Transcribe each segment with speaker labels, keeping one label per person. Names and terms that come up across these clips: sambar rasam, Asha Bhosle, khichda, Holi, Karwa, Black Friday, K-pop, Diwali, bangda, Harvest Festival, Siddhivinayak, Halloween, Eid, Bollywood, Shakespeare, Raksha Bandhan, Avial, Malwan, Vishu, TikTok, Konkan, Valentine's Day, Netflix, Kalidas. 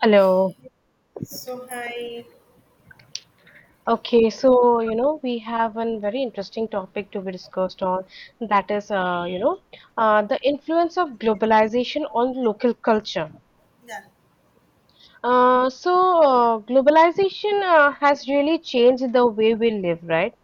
Speaker 1: Hello.
Speaker 2: So hi,
Speaker 1: Okay, so you know we have a very interesting topic to be discussed on, that is the influence of globalization on local culture.
Speaker 2: Yeah,
Speaker 1: Uh, so globalization has really changed the way we live, right?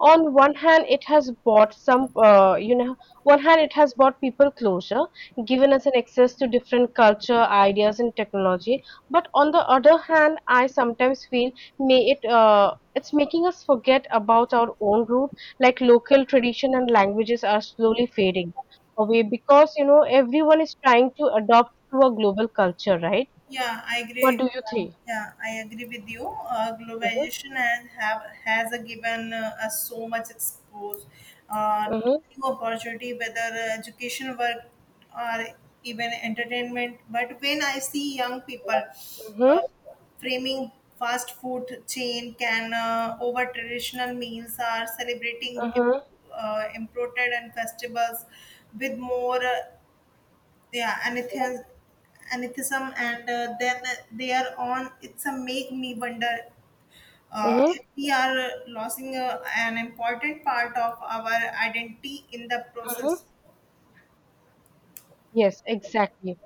Speaker 1: On one hand, it has brought some, you know, one hand it has brought people closure, given us an access to different culture, ideas, and technology. But on the other hand, I sometimes feel may it it's making us forget about our own root, like local tradition and languages are slowly fading away because you know everyone is trying to adopt to a global culture, right?
Speaker 2: yeah, I
Speaker 1: What
Speaker 2: agree.
Speaker 1: do you think?
Speaker 2: Yeah, I agree with you.
Speaker 1: Mhm,
Speaker 2: Globalization has given us so much expose
Speaker 1: mhm,
Speaker 2: to new opportunity, whether education, work, or even entertainment. But when I see young people
Speaker 1: mhm,
Speaker 2: framing fast food chain can over traditional meals, are celebrating
Speaker 1: mhm,
Speaker 2: imported and festivals with more. Yeah and anithas, anithism, and then they are on it's a make me wonder
Speaker 1: mhm,
Speaker 2: if we are losing an important part of our identity in the process.
Speaker 1: mhm. Yes, exactly.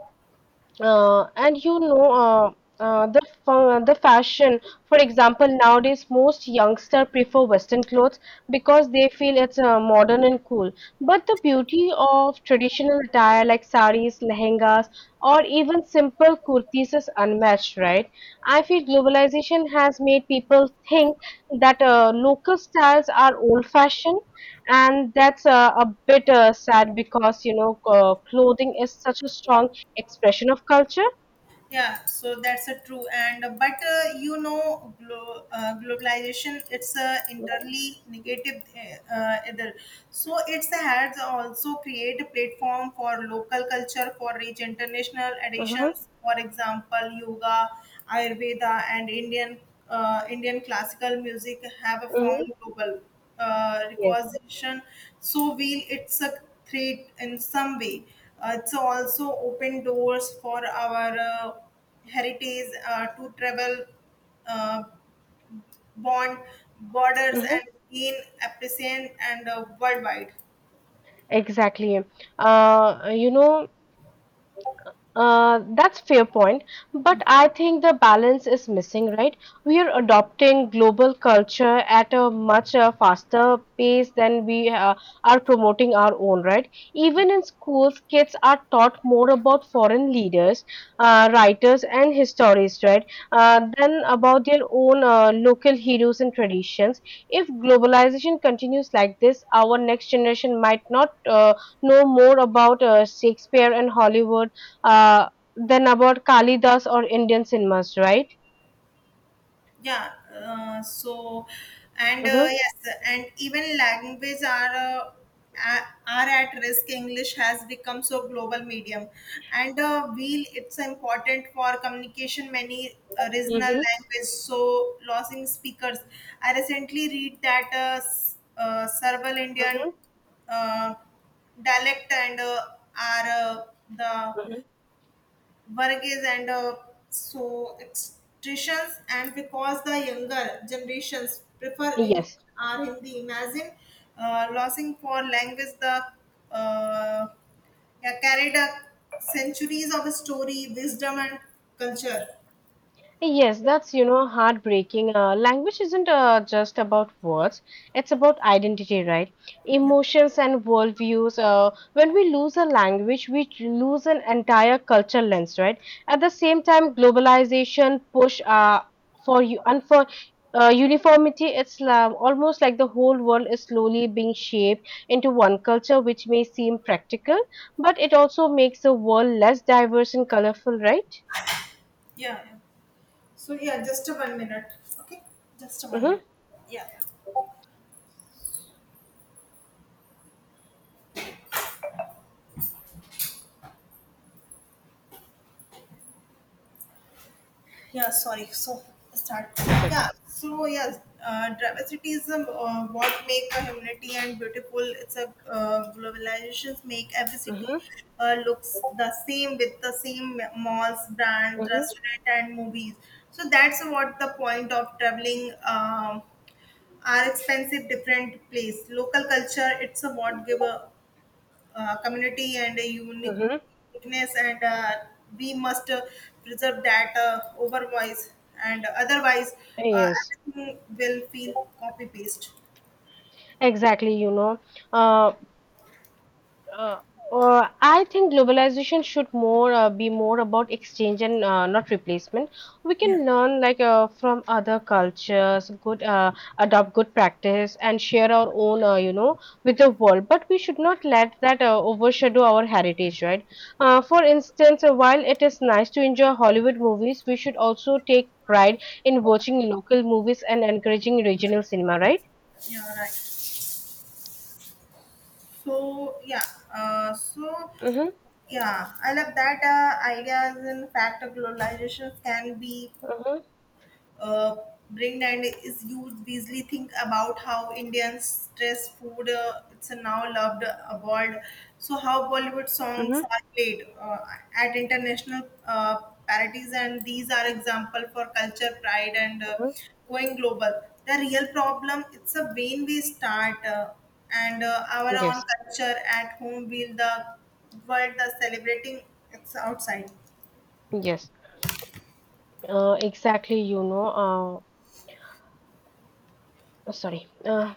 Speaker 1: And you know, the fa- The fashion, for example, nowadays most youngster prefer Western clothes because they feel it's modern and cool. But the beauty of traditional attire like saris, lehengas, or even simple kurtis is unmatched, right? I feel globalization has made people think that local styles are old-fashioned, and that's a bit sad because clothing is such a strong expression of culture.
Speaker 2: Yeah, so that's a true and but you know globalization it's a
Speaker 1: Mm-hmm.
Speaker 2: entirely negative either. So it's has also create a platform for local culture for rich international additions,
Speaker 1: Mm-hmm.
Speaker 2: for example yoga, ayurveda, and Indian classical music have a found
Speaker 1: Mm-hmm.
Speaker 2: global
Speaker 1: Yes.
Speaker 2: recognition. So we it's a threat in some way. It's also open doors for our heritage to travel uh, bond borders and
Speaker 1: Mm-hmm.
Speaker 2: gain appreciation and worldwide.
Speaker 1: Exactly. Uh, you know, that's fair point, but I think the balance is missing, right? We are adopting global culture at a much faster pace than we are promoting our own, right? Even in schools, kids are taught more about foreign leaders, writers, and histories, right, than about their own local heroes and traditions. If globalization continues like this, our next generation might not know more about Shakespeare and Hollywood uh, then about Kalidas or Indian cinemas, right?
Speaker 2: Yeah so and
Speaker 1: Mm-hmm.
Speaker 2: Yes, and even language are are at risk. English has become so global medium, and wheel it's important for communication, many regional
Speaker 1: Mm-hmm.
Speaker 2: language so losing speakers. I recently read that several indian
Speaker 1: Mm-hmm.
Speaker 2: uh, dialect and are the
Speaker 1: Mm-hmm.
Speaker 2: Varghese and so extractions and because the younger generations prefer English
Speaker 1: Yes.
Speaker 2: or Hindi. Imagine losing for language, the uh, yeah, carried up centuries of story, wisdom and culture.
Speaker 1: Yes, that's heartbreaking. Language isn't just about words, it's about identity, right?
Speaker 2: Yeah.
Speaker 1: Emotions and worldviews. When we lose a language, we lose an entire culture lens, right? At the same time, globalization push for you and for uniformity. It's almost like the whole world is slowly being shaped into one culture, which may seem practical, but it also makes the world less diverse and colorful, right?
Speaker 2: yeah, yeah. So yeah, just a one minute. Okay, just a one minute.
Speaker 1: Mm-hmm.
Speaker 2: Yeah. Yeah, sorry. So start.
Speaker 1: It's okay.
Speaker 2: Yeah. So yeah, dramatism what make a humanity and beautiful. It's a globalizations make every city
Speaker 1: Mhm.
Speaker 2: looks the same with the same malls, brands,
Speaker 1: Mhm,
Speaker 2: restaurant, and movies. So that's what the point of traveling. Are expensive different place local culture it's a what give a community and a
Speaker 1: mhm.
Speaker 2: uniqueness, and we must preserve that otherwise, uh,
Speaker 1: Yes,
Speaker 2: everything will feel copy paste.
Speaker 1: exactly. Uh, uh, I think globalization should more be more about exchange and not replacement. We
Speaker 2: Yeah,
Speaker 1: can learn like from other cultures, good, adopt good practice, and share our own, with the world. But we should not let that overshadow our heritage, right? For instance, while it is nice to enjoy Hollywood movies, we should also take pride in watching local movies and encouraging regional cinema, right?
Speaker 2: yeah, right. so yeah uh, so
Speaker 1: Mm-hmm,
Speaker 2: yeah, I love that ideas. In fact, globalization can be
Speaker 1: mm-hmm,
Speaker 2: uh, bring and is used Beasley. Think about how Indian stress food, it's now loved abroad. So how Bollywood songs
Speaker 1: mm-hmm,
Speaker 2: are played at international parties, and these are example for culture pride and
Speaker 1: mm-hmm.
Speaker 2: going global. The real problem it's a when we start and our own
Speaker 1: Yes,
Speaker 2: culture at home, will the world the celebrating it's outside.
Speaker 1: yes. Exactly, you know. Sorry.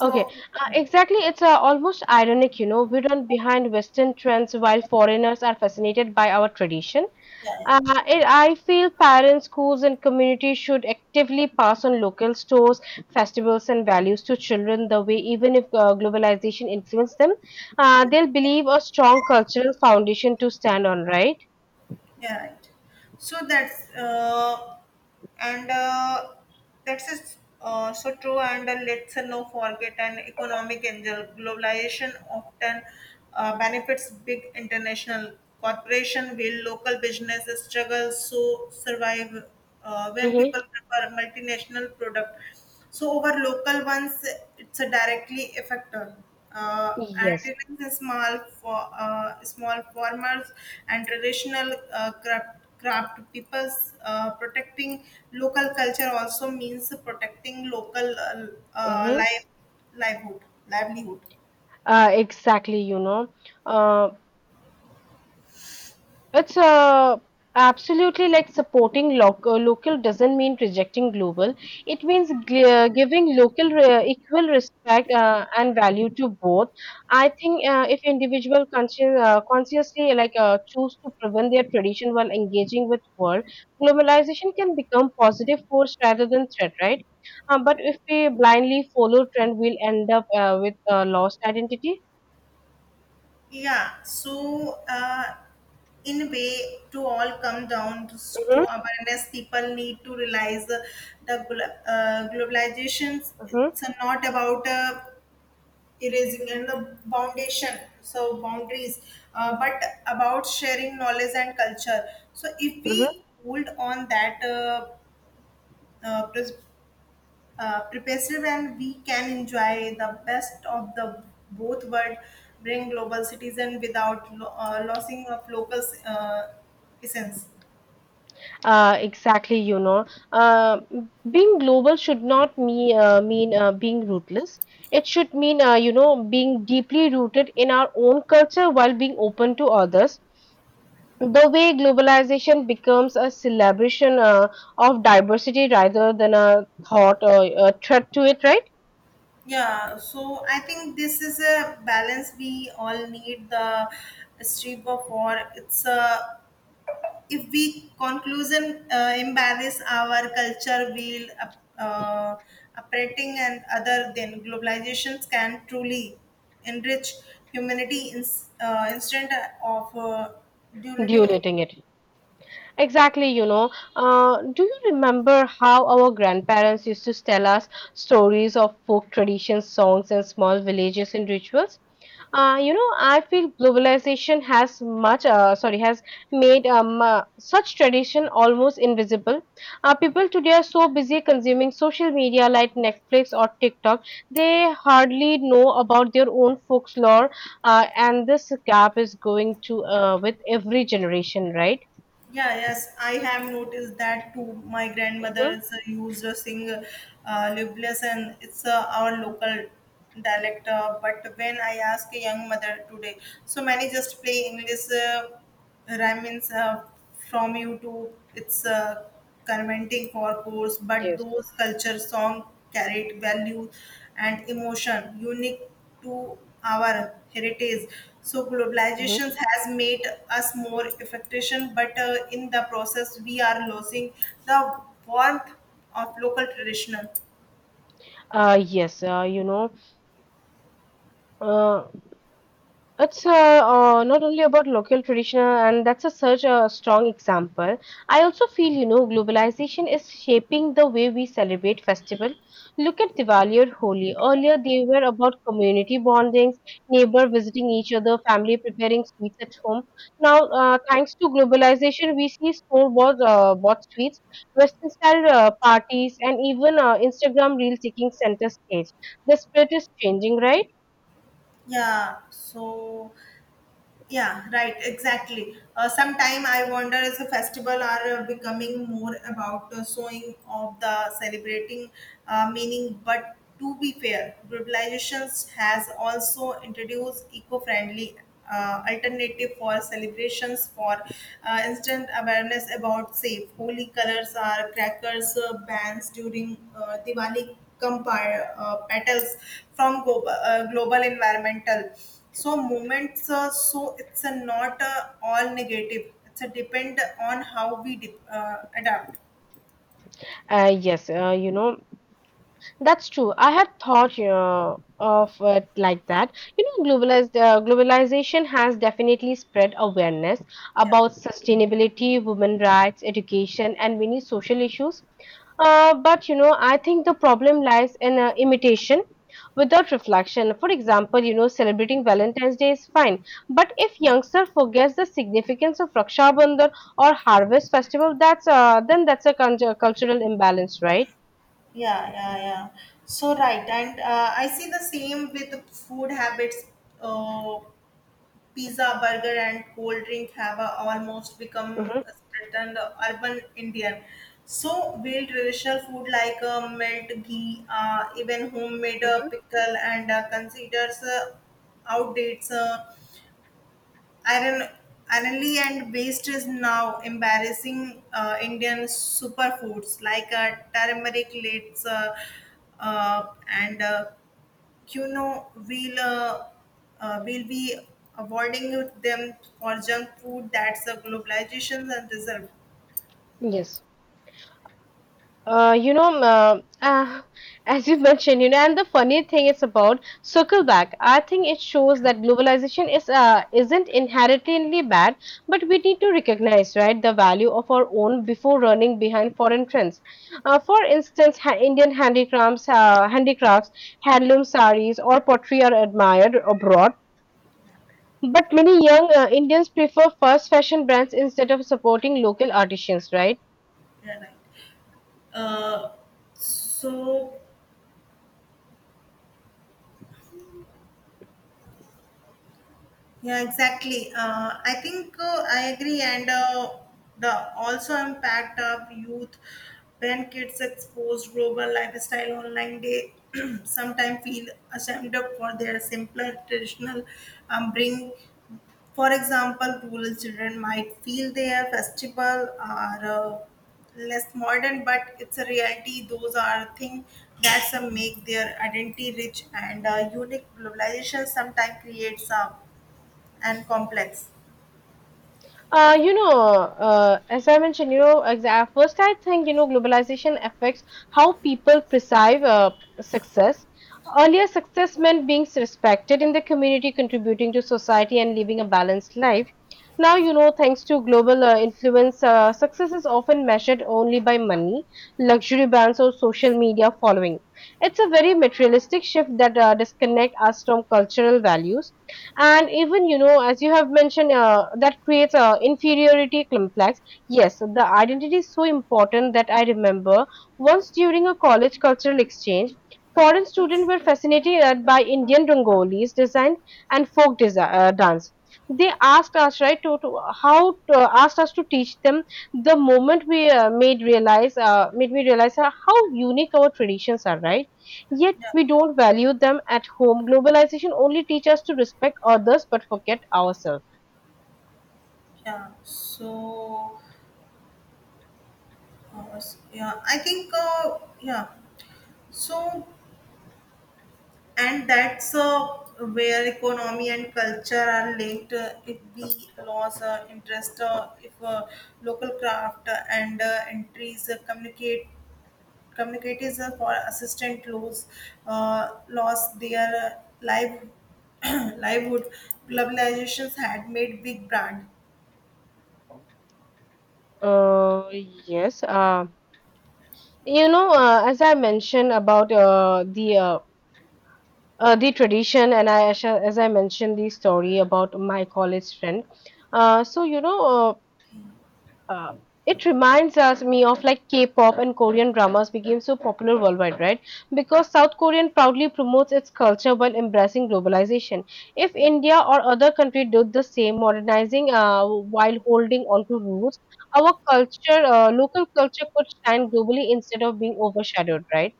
Speaker 1: Okay.
Speaker 2: yeah.
Speaker 1: Exactly. It's almost ironic, you know. We run behind Western trends while foreigners are fascinated by our tradition.
Speaker 2: Yeah.
Speaker 1: Uh, I feel parents, schools, and communities should actively pass on local stores, festivals, and values to children the way, even if globalization influences them, they'll believe a strong cultural foundation to stand on, right?
Speaker 2: Yeah, right. So that's and that's is, so true. And let's not forget an economic angel. Globalization often benefits big international corporation, while local businesses struggle so survive when people
Speaker 1: Mm-hmm.
Speaker 2: prefer multinational product. So over local ones, it's a directly affected. And
Speaker 1: Yes.
Speaker 2: it is a small for small farmers and traditional craft peoples protecting local culture also means protecting local
Speaker 1: Mm-hmm.
Speaker 2: life livelihood livelihood.
Speaker 1: Exactly, Uh, it's absolutely like supporting local. Local doesn't mean rejecting global. It means g giving local re equal respect and value to both. I think if individual consciously like choose to prevent their tradition while engaging with world, globalization can become positive force rather than threat, right? But if we blindly follow trend, we'll end up with lost identity.
Speaker 2: Yeah, so in a way, to all come down to
Speaker 1: Hmm.
Speaker 2: awareness. People need to realize globalization. It's not about erasing and the foundation, so boundaries, but about sharing knowledge and culture. So if
Speaker 1: Hmm.
Speaker 2: we hold on that uh, pres- pervasive, and we can enjoy the best of the both world, bring global citizen without losing of local essence.
Speaker 1: Exactly, Uh, Being global should not mean being rootless. It should mean, being deeply rooted in our own culture while being open to others. The way globalization becomes a celebration of diversity rather than a thought or a threat to it, right?
Speaker 2: Yeah, so I think this is a balance we all need. The strip of war, it's a if we conclusion embrace our culture will operating and other, than globalizations can truly enrich humanity in, instead of diluting it.
Speaker 1: Diluting it. Exactly, you know. Do you remember how our grandparents used to tell us stories of folk traditions, songs, and small villages and rituals? I feel globalization has made such tradition almost invisible. People today are so busy consuming social media like Netflix or TikTok, they hardly know about their own folklore, and this gap is going to with every generation, right?
Speaker 2: Yeah, yes, I have noticed that too. My
Speaker 1: Mm-hmm.
Speaker 2: grandmother's used to sing libelous, and it's our local dialect, but when I ask a young mother today, so many just play english rhymes from you to. It's conventing for course, but
Speaker 1: Yes.
Speaker 2: those culture song carried value and emotion unique to our heritage. So
Speaker 1: Hmm.
Speaker 2: globalization has made us more efficient, but in the process we are losing the warmth of local traditional.
Speaker 1: Yes. You know, uh, It's Not only about local tradition, and that's a such a strong example. I also feel, you know, globalization is shaping the way we celebrate festival. Look at Diwali or Holi. Earlier, they were about community bondings, neighbor visiting each other, family preparing sweets at home. Now, thanks to globalization, we see store-bought bought sweets, Western-style parties, and even Instagram reels taking center stage. The spirit is changing, right?
Speaker 2: yeah so Yeah, right, exactly. Sometime I wonder as a festival are becoming more about showing of the celebrating meaning, but to be fair, globalization has also introduced eco-friendly alternative for celebrations. For instant awareness about safe holy colors are crackers bans during Diwali. Compare petals from global environmental, so moments, so it's a not all negative. It's a depend on how we adapt.
Speaker 1: Uh, yes, uh, you know, That's true. I had thought of it like that. You know, globalization has definitely spread awareness
Speaker 2: Yeah,
Speaker 1: about sustainability, women rights, education, and many social issues. But you know, I think the problem lies in imitation without reflection. For example, you know, celebrating Valentine's Day is fine, but if youngster forgets the significance of Raksha Bandhan or Harvest Festival, that's a cultural imbalance, right?
Speaker 2: yeah, yeah, yeah, so right. And I see the same with food habits. Uh, pizza, burger, and cold drink have almost become
Speaker 1: Hmm.
Speaker 2: a certain urban indian. So real traditional food like melt ghee, even homemade pickle and considers outdates. Iron, ironly and based is now embarrassing Indian superfoods like turmeric lates, and quinoa. We'll be avoiding them for junk food. That's a globalization and reserve.
Speaker 1: Yes. Uh, you know, um, uh, ah, as you mentioned, you know, and the funny thing is about circle back. I think it shows that globalization is isn't inherently bad, but we need to recognize, right, the value of our own before running behind foreign trends. For instance, ha Indian handicrafts, handloom saris, or pottery are admired abroad. But many young Indians prefer fast fashion brands instead of supporting local artisans, right?
Speaker 2: Yeah, right. Uh, so Yeah, exactly. I think I agree, and the also impact of youth. When kids exposed global lifestyle online, they sometimes feel ashamed of for their simpler traditional bring. For example, rural children might feel their festival are less modern, but it's a reality. Those are things that some make their identity rich and unique. Globalization sometimes creates a and complex.
Speaker 1: You know, as I mentioned, you know, exa- first I think, you know, globalization affects how people perceive success. Earlier, success meant being respected in the community, contributing to society, and living a balanced life. Now, you know, thanks to global influence, success is often measured only by money, luxury brands, or social media following. It's a very materialistic shift that disconnects us from cultural values, and even, you know, as you have mentioned, that creates a inferiority complex. Yes, the identity is so important that I remember once during a college cultural exchange, foreign students were fascinated by Indian rangolis design and folk dance. They asked us, right, asked us to teach them. The moment we made realize made me realize how unique our traditions are, right? Yet
Speaker 2: Yeah,
Speaker 1: we don't value them at home. Globalization only teaches us to respect others but forget ourselves.
Speaker 2: yeah. So, yeah, I think, yeah. So, and that's where economy and culture are linked. If we lose interest, if local craft and entries communicate communicators for assistant lose, lost their live livelihood globalizations had made big brand.
Speaker 1: Yes. You know, as I mentioned about the tradition, and I mentioned the story about my college friend. Uh, so you know, uh, uh, it reminds us me of like K-pop and Korean dramas became so popular worldwide, right? Because South Korean proudly promotes its culture while embracing globalization. If India or other country did the same, modernizing while holding on to roots, our culture, local culture, could shine globally instead of being overshadowed, right?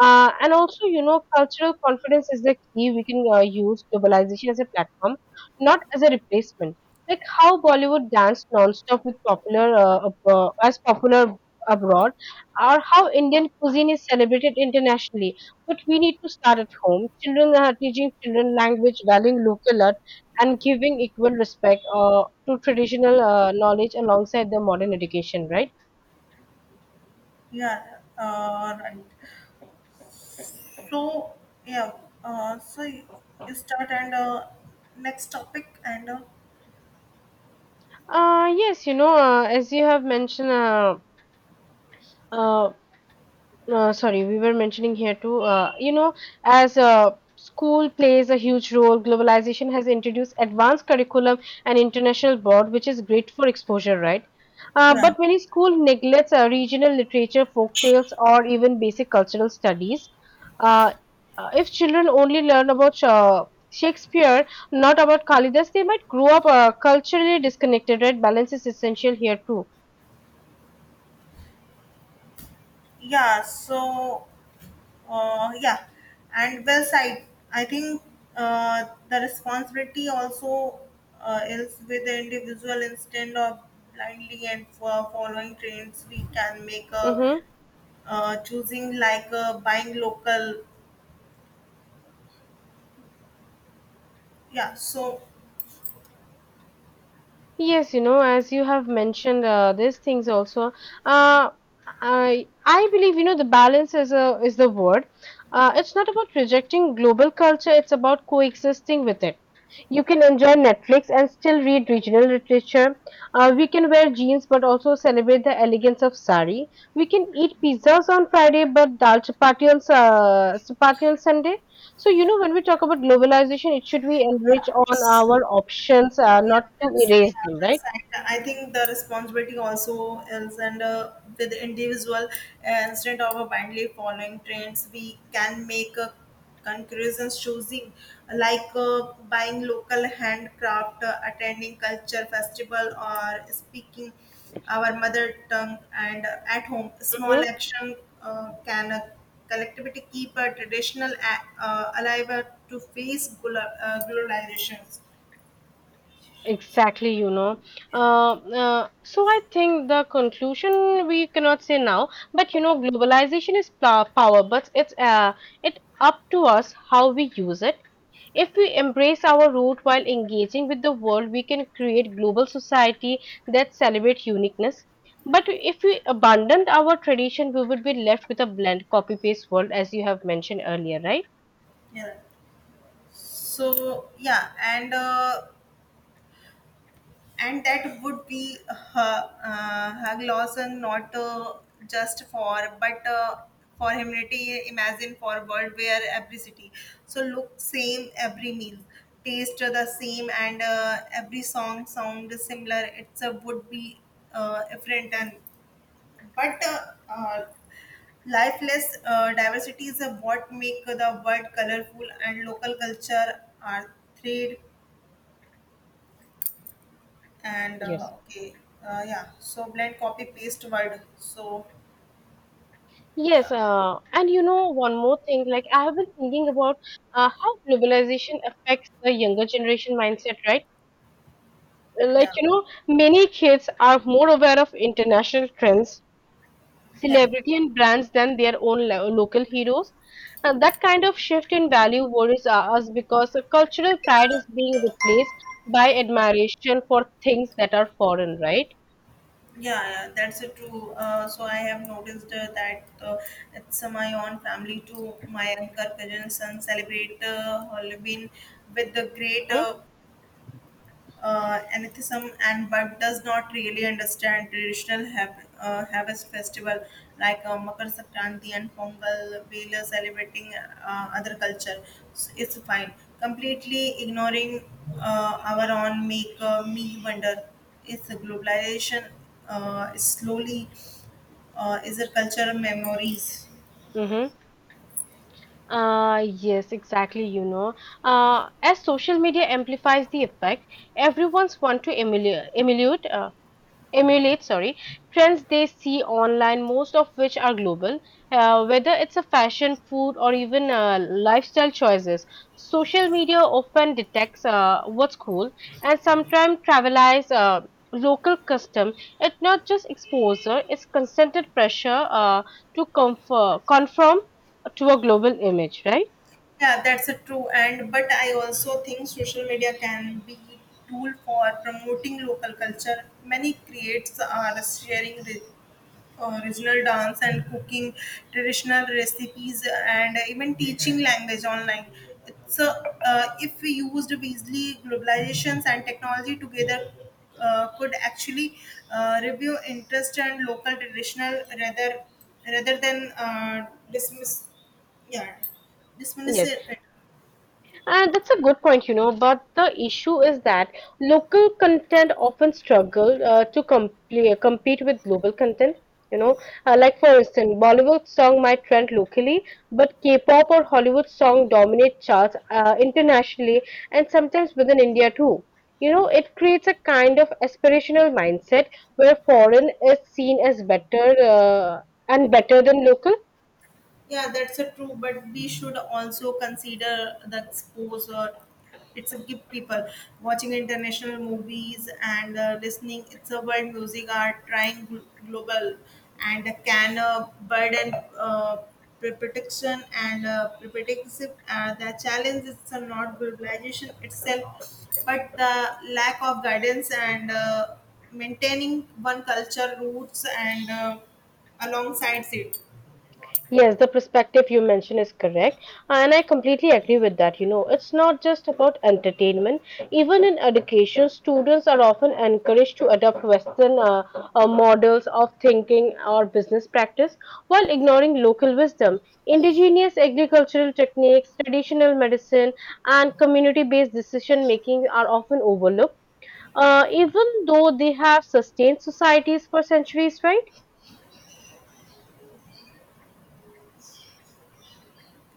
Speaker 1: And also, you know, cultural confidence is the key. We can use globalization as a platform, not as a replacement. Like how Bollywood danced non-stop with as popular abroad, or how Indian cuisine is celebrated internationally. But we need to start at home. Children are teaching children language, valuing local art, and giving equal respect to traditional knowledge alongside the modern education. Right?
Speaker 2: yeah uh, right So yeah, uh, so y- you start and next topic and
Speaker 1: Yes, you know, as you have mentioned. Uh, sorry, We were mentioning here too, you know, as school plays a huge role, globalization has introduced advanced curriculum and international board, which is great for exposure, right?
Speaker 2: yeah,
Speaker 1: But many school neglects regional literature, folk tales, or even basic cultural studies. Uh, if children only learn about Shakespeare, not about Kalidas, they might grow up culturally disconnected, right? Balance is essential here too.
Speaker 2: yeah. So yeah, and well side. I think the responsibility also is with the individual instead of blindly and for following trends. We can make a
Speaker 1: Mm-hmm.
Speaker 2: choosing like buying local. Yeah. So
Speaker 1: Yes, you know, as you have mentioned, these things also. Uh, I believe you know the balance is a is the word. It's not about rejecting global culture; it's about coexisting with it. You can enjoy Netflix and still read regional literature. We can wear jeans but also celebrate the elegance of sari. We can eat pizzas on Friday but chapati on Sunday. So, you know, when we talk about globalization, it should be enrich
Speaker 2: yeah.
Speaker 1: on our options,
Speaker 2: Yeah,
Speaker 1: not to
Speaker 2: that's,
Speaker 1: erase
Speaker 2: yeah,
Speaker 1: them,
Speaker 2: that's
Speaker 1: right?
Speaker 2: right. I think the responsibility also is and with the individual instead of blindly following trends. We can make conclusions choosing like buying local handcraft, attending culture festival, or speaking our mother tongue and at home. Small
Speaker 1: Mm-hmm.
Speaker 2: action can collectivity keep a traditional alive to face globalizations.
Speaker 1: Exactly, you know. So I think the conclusion we cannot say now, but you know, globalization is power, but it up to us how we use it. If we embrace our root while engaging with the world, we can create global society that celebrates uniqueness. But if we abandoned our tradition, we would be left with a bland copy-paste world, as you have mentioned earlier, right?
Speaker 2: Yeah. So yeah, and that would be her her Lawson, not just for but for humanity. Imagine for world where every city so look same, every meal taste the same, and every song sound similar. It's a would be different and but uh, lifeless. Uh, diversity is what make the world colorful, and local culture are thrilled and
Speaker 1: Yes.
Speaker 2: okay. Blend copy paste word so. Yeah,
Speaker 1: Yes, and you know, one more thing, like I have been thinking about how globalization affects the younger generation mindset, right? Like,
Speaker 2: yeah,
Speaker 1: you know, many kids are more aware of international trends,
Speaker 2: yeah.
Speaker 1: celebrity, and brands than their own lo local heroes. That kind of shift in value worries us because cultural pride is being replaced by admiration for things that are foreign, right?
Speaker 2: Yeah, yeah, that's it too. Uh, so I have noticed that it's my own family too. My younger cousin, son celebrate halloween with the great
Speaker 1: Hmm.
Speaker 2: anarchism and, but does not really understand traditional harvest festival like Makar Sankranti and Pongal. We celebrating other culture. So it's fine. Completely ignoring our own make me wonder. Is the globalization slowly is the cultural memories.
Speaker 1: Mm-hmm. Yes, exactly. You know, as social media amplifies the effect, everyone's want to emulate, emulate emulate sorry trends they see online, most of which are global, whether it's a fashion food or even lifestyle choices. Social media often detects what's cool and sometimes travelize local custom. It's not just exposure, it's consented pressure to conform to a global image, right?
Speaker 2: Yeah, that's a true. And but I also think social media can be tool for promoting local culture. Many creates are sharing this original dance and cooking traditional recipes, and even teaching language online. It's a, if we used wisely, globalizations and technology together could actually review interest and local traditional rather than dismiss yeah dismiss
Speaker 1: Yes,
Speaker 2: it.
Speaker 1: and that's a good point, you know. But the issue is that local content often struggle to compl compete with global content. You know, like for instance, Bollywood song might trend locally, but K-pop or Hollywood song dominate charts internationally and sometimes within India too. You know, it creates a kind of aspirational mindset where foreign is seen as better, and better than local.
Speaker 2: Yeah, that's a true, but we should also consider that sports or it's a gift people watching international movies and listening. It's a world music are trying global and can protection and protective. The challenge is not globalization itself, but the lack of guidance and maintaining one culture roots and alongside it.
Speaker 1: Yes, the perspective you mentioned is correct, and I completely agree with that. You know, it's not just about entertainment. Even in education, students are often encouraged to adopt Western, models of thinking or business practice while ignoring local wisdom. Indigenous agricultural techniques, traditional medicine, and community based decision making are often overlooked, even though they have sustained societies for centuries, right?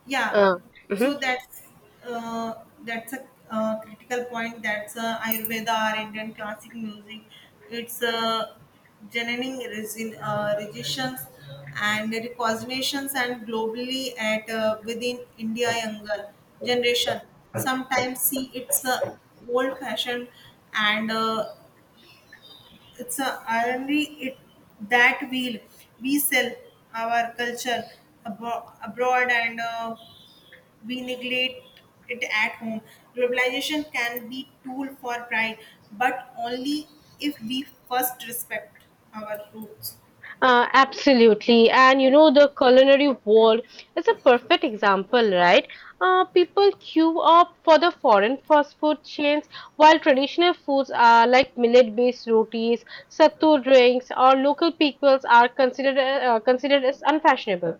Speaker 2: Yeah,
Speaker 1: Uh,
Speaker 2: so
Speaker 1: mhm.
Speaker 2: uh, that's a critical point. That's Ayurveda or Indian classic music. It's generating resin, registrations and recognitions and globally at within India younger generation. Sometimes see it's old fashioned and it's a irony it that we'll we sell our culture abroad and. We neglect it at home. Globalization can be tool for pride, but only if we first respect our roots.
Speaker 1: Absolutely. And you know, the culinary world is a perfect example, right? People queue up for the foreign fast food chains while traditional foods are like millet-based rotis, sattu drinks, or local peoples are considered as unfashionable.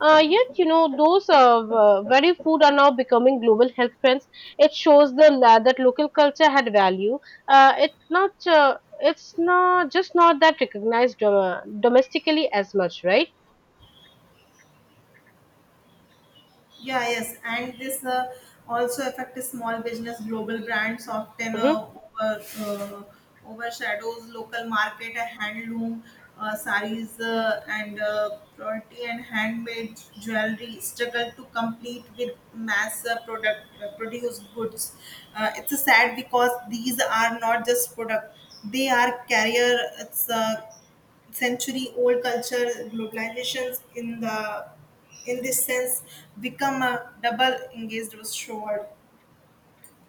Speaker 1: Yet, you know, those very food are now becoming global health trends. It shows the la that local culture had value. It's not. It's not just not that recognized domestically as much, right?
Speaker 2: Yeah, yes, and this also affects small business. Global brands often
Speaker 1: Mhm.
Speaker 2: over, uh, overshadows local market. Handloom saris and quality and handmade jewelry struggle to compete with mass product produced goods. It's sad because these are not just product; they are carrier. It's century old culture globalizations in the in this sense become a double engaged sword.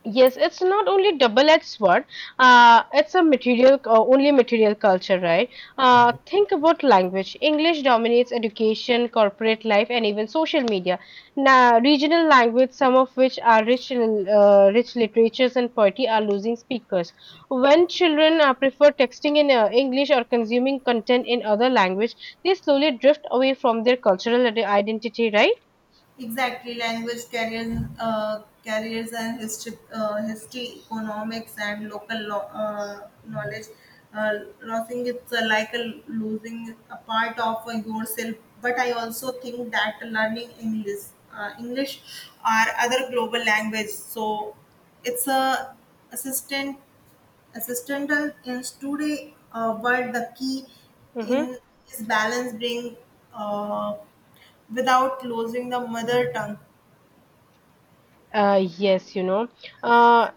Speaker 1: Yes, it's not only double-edged sword. It's a material, only material culture, right? Think about language. English dominates education, corporate life, and even social media. Now, regional language, some of which are rich literatures and poetry, are losing speakers. When children prefer texting in English or consuming content in other language, they slowly drift away from their cultural identity, right?
Speaker 2: Exactly, language carriers and history, economics, and local knowledge. Losing it's like a losing a part of yourself. But I also think that learning English, or other global language, so it's a assistant Assistential is today, but the key
Speaker 1: Mm-hmm.
Speaker 2: in is balance bring uh, without losing the mother tongue.
Speaker 1: Yes, you know. Uh,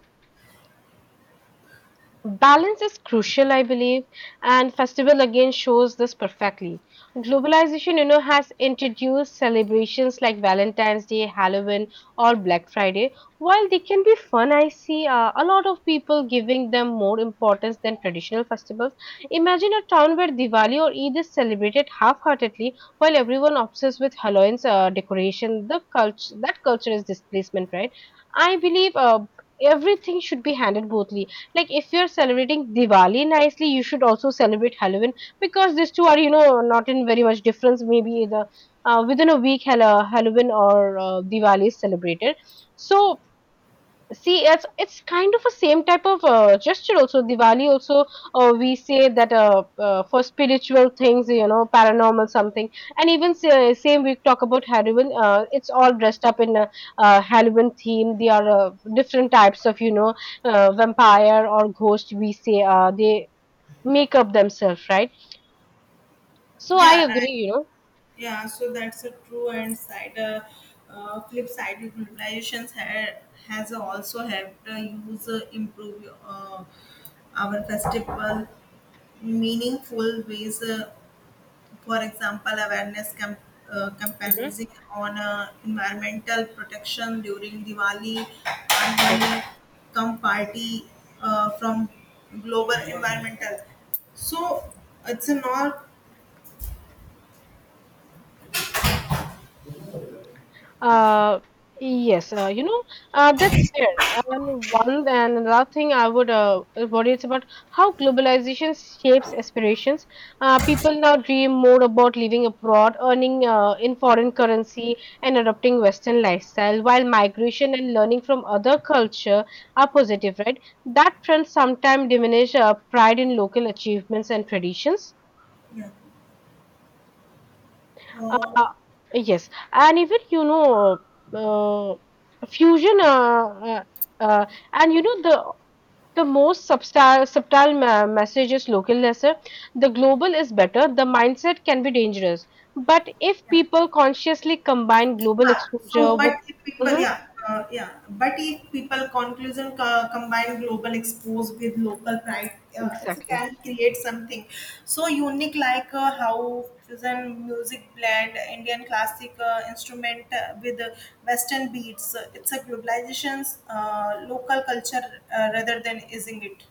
Speaker 1: Balance is crucial, I believe, and festival again shows this perfectly. Globalization, you know, has introduced celebrations like Valentine's Day, Halloween, or Black Friday. While they can be fun, I see a lot of people giving them more importance than traditional festivals. Imagine a town where Diwali or Eid is celebrated half-heartedly, while everyone obsessed with Halloween's decoration. The culture, that culture is displacement, right? I believe everything should be handled bothly, like if you're celebrating Diwali nicely, you should also celebrate Halloween because these two are, you know, not in very much difference. Maybe the within a week, Halloween or Diwali is celebrated. So see, it's kind of a same type of gesture also. Diwali also, we say that, for spiritual things, you know, paranormal something, and even same we talk about Halloween. It's all dressed up in a, uh, Halloween theme. There are different types of, you know, vampire or ghost. We say they make up themselves, right? So I
Speaker 2: Yeah, right.
Speaker 1: agree, you know.
Speaker 2: Yeah, so that's a true and side flip side utilizations has also helped user improve our festival meaningful ways. For example, awareness camp, campaigning
Speaker 1: Mhm.
Speaker 2: on environmental protection during Diwali, Anholi, come party from global environmental. So it's a not.
Speaker 1: Uh, yes, you know, that's fair. And one and another thing I would worry is about how globalization shapes aspirations. People now dream more about living abroad, earning in foreign currency, and adopting Western lifestyle, while migration and learning from other culture are positive, right? That trend sometimes diminish pride in local achievements and traditions.
Speaker 2: Yeah. Uh,
Speaker 1: Uh, yes, and even you know, uh, fusion, uh, uh, uh, and you know, the most subtle message is local lesser. The global is better. The mindset can be dangerous, but if people consciously combine global
Speaker 2: yeah.
Speaker 1: exposure with. Mhm,
Speaker 2: But if people conclusion combine global expose with local pride, it
Speaker 1: exactly.
Speaker 2: can create something so unique, like how fusion music blend Indian classic instrument with Western beats. It's a globalization's local culture rather than, isn't it?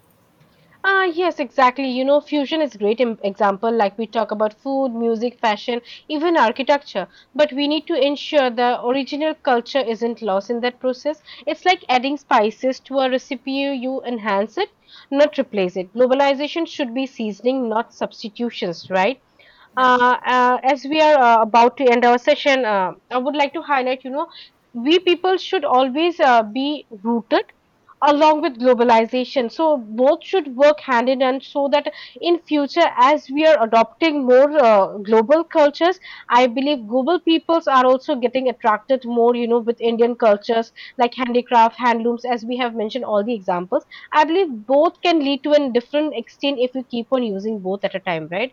Speaker 1: Ah, yes, exactly. You know, fusion is great example. Like we talk about food, music, fashion, even architecture. But we need to ensure the original culture isn't lost in that process. It's like adding spices to a recipe. You enhance it, not replace it. Globalization should be seasoning, not substitutions, right?
Speaker 2: Yeah.
Speaker 1: As we are about to end our session, I would like to highlight, you know, we people should always be rooted along with globalization. So both should work hand in hand so that in future, as we are adopting more global cultures, I believe global peoples are also getting attracted more, you know, with Indian cultures like handicraft, handlooms, as we have mentioned all the examples. I believe both can lead to a different extent if we keep on using both at a time, right?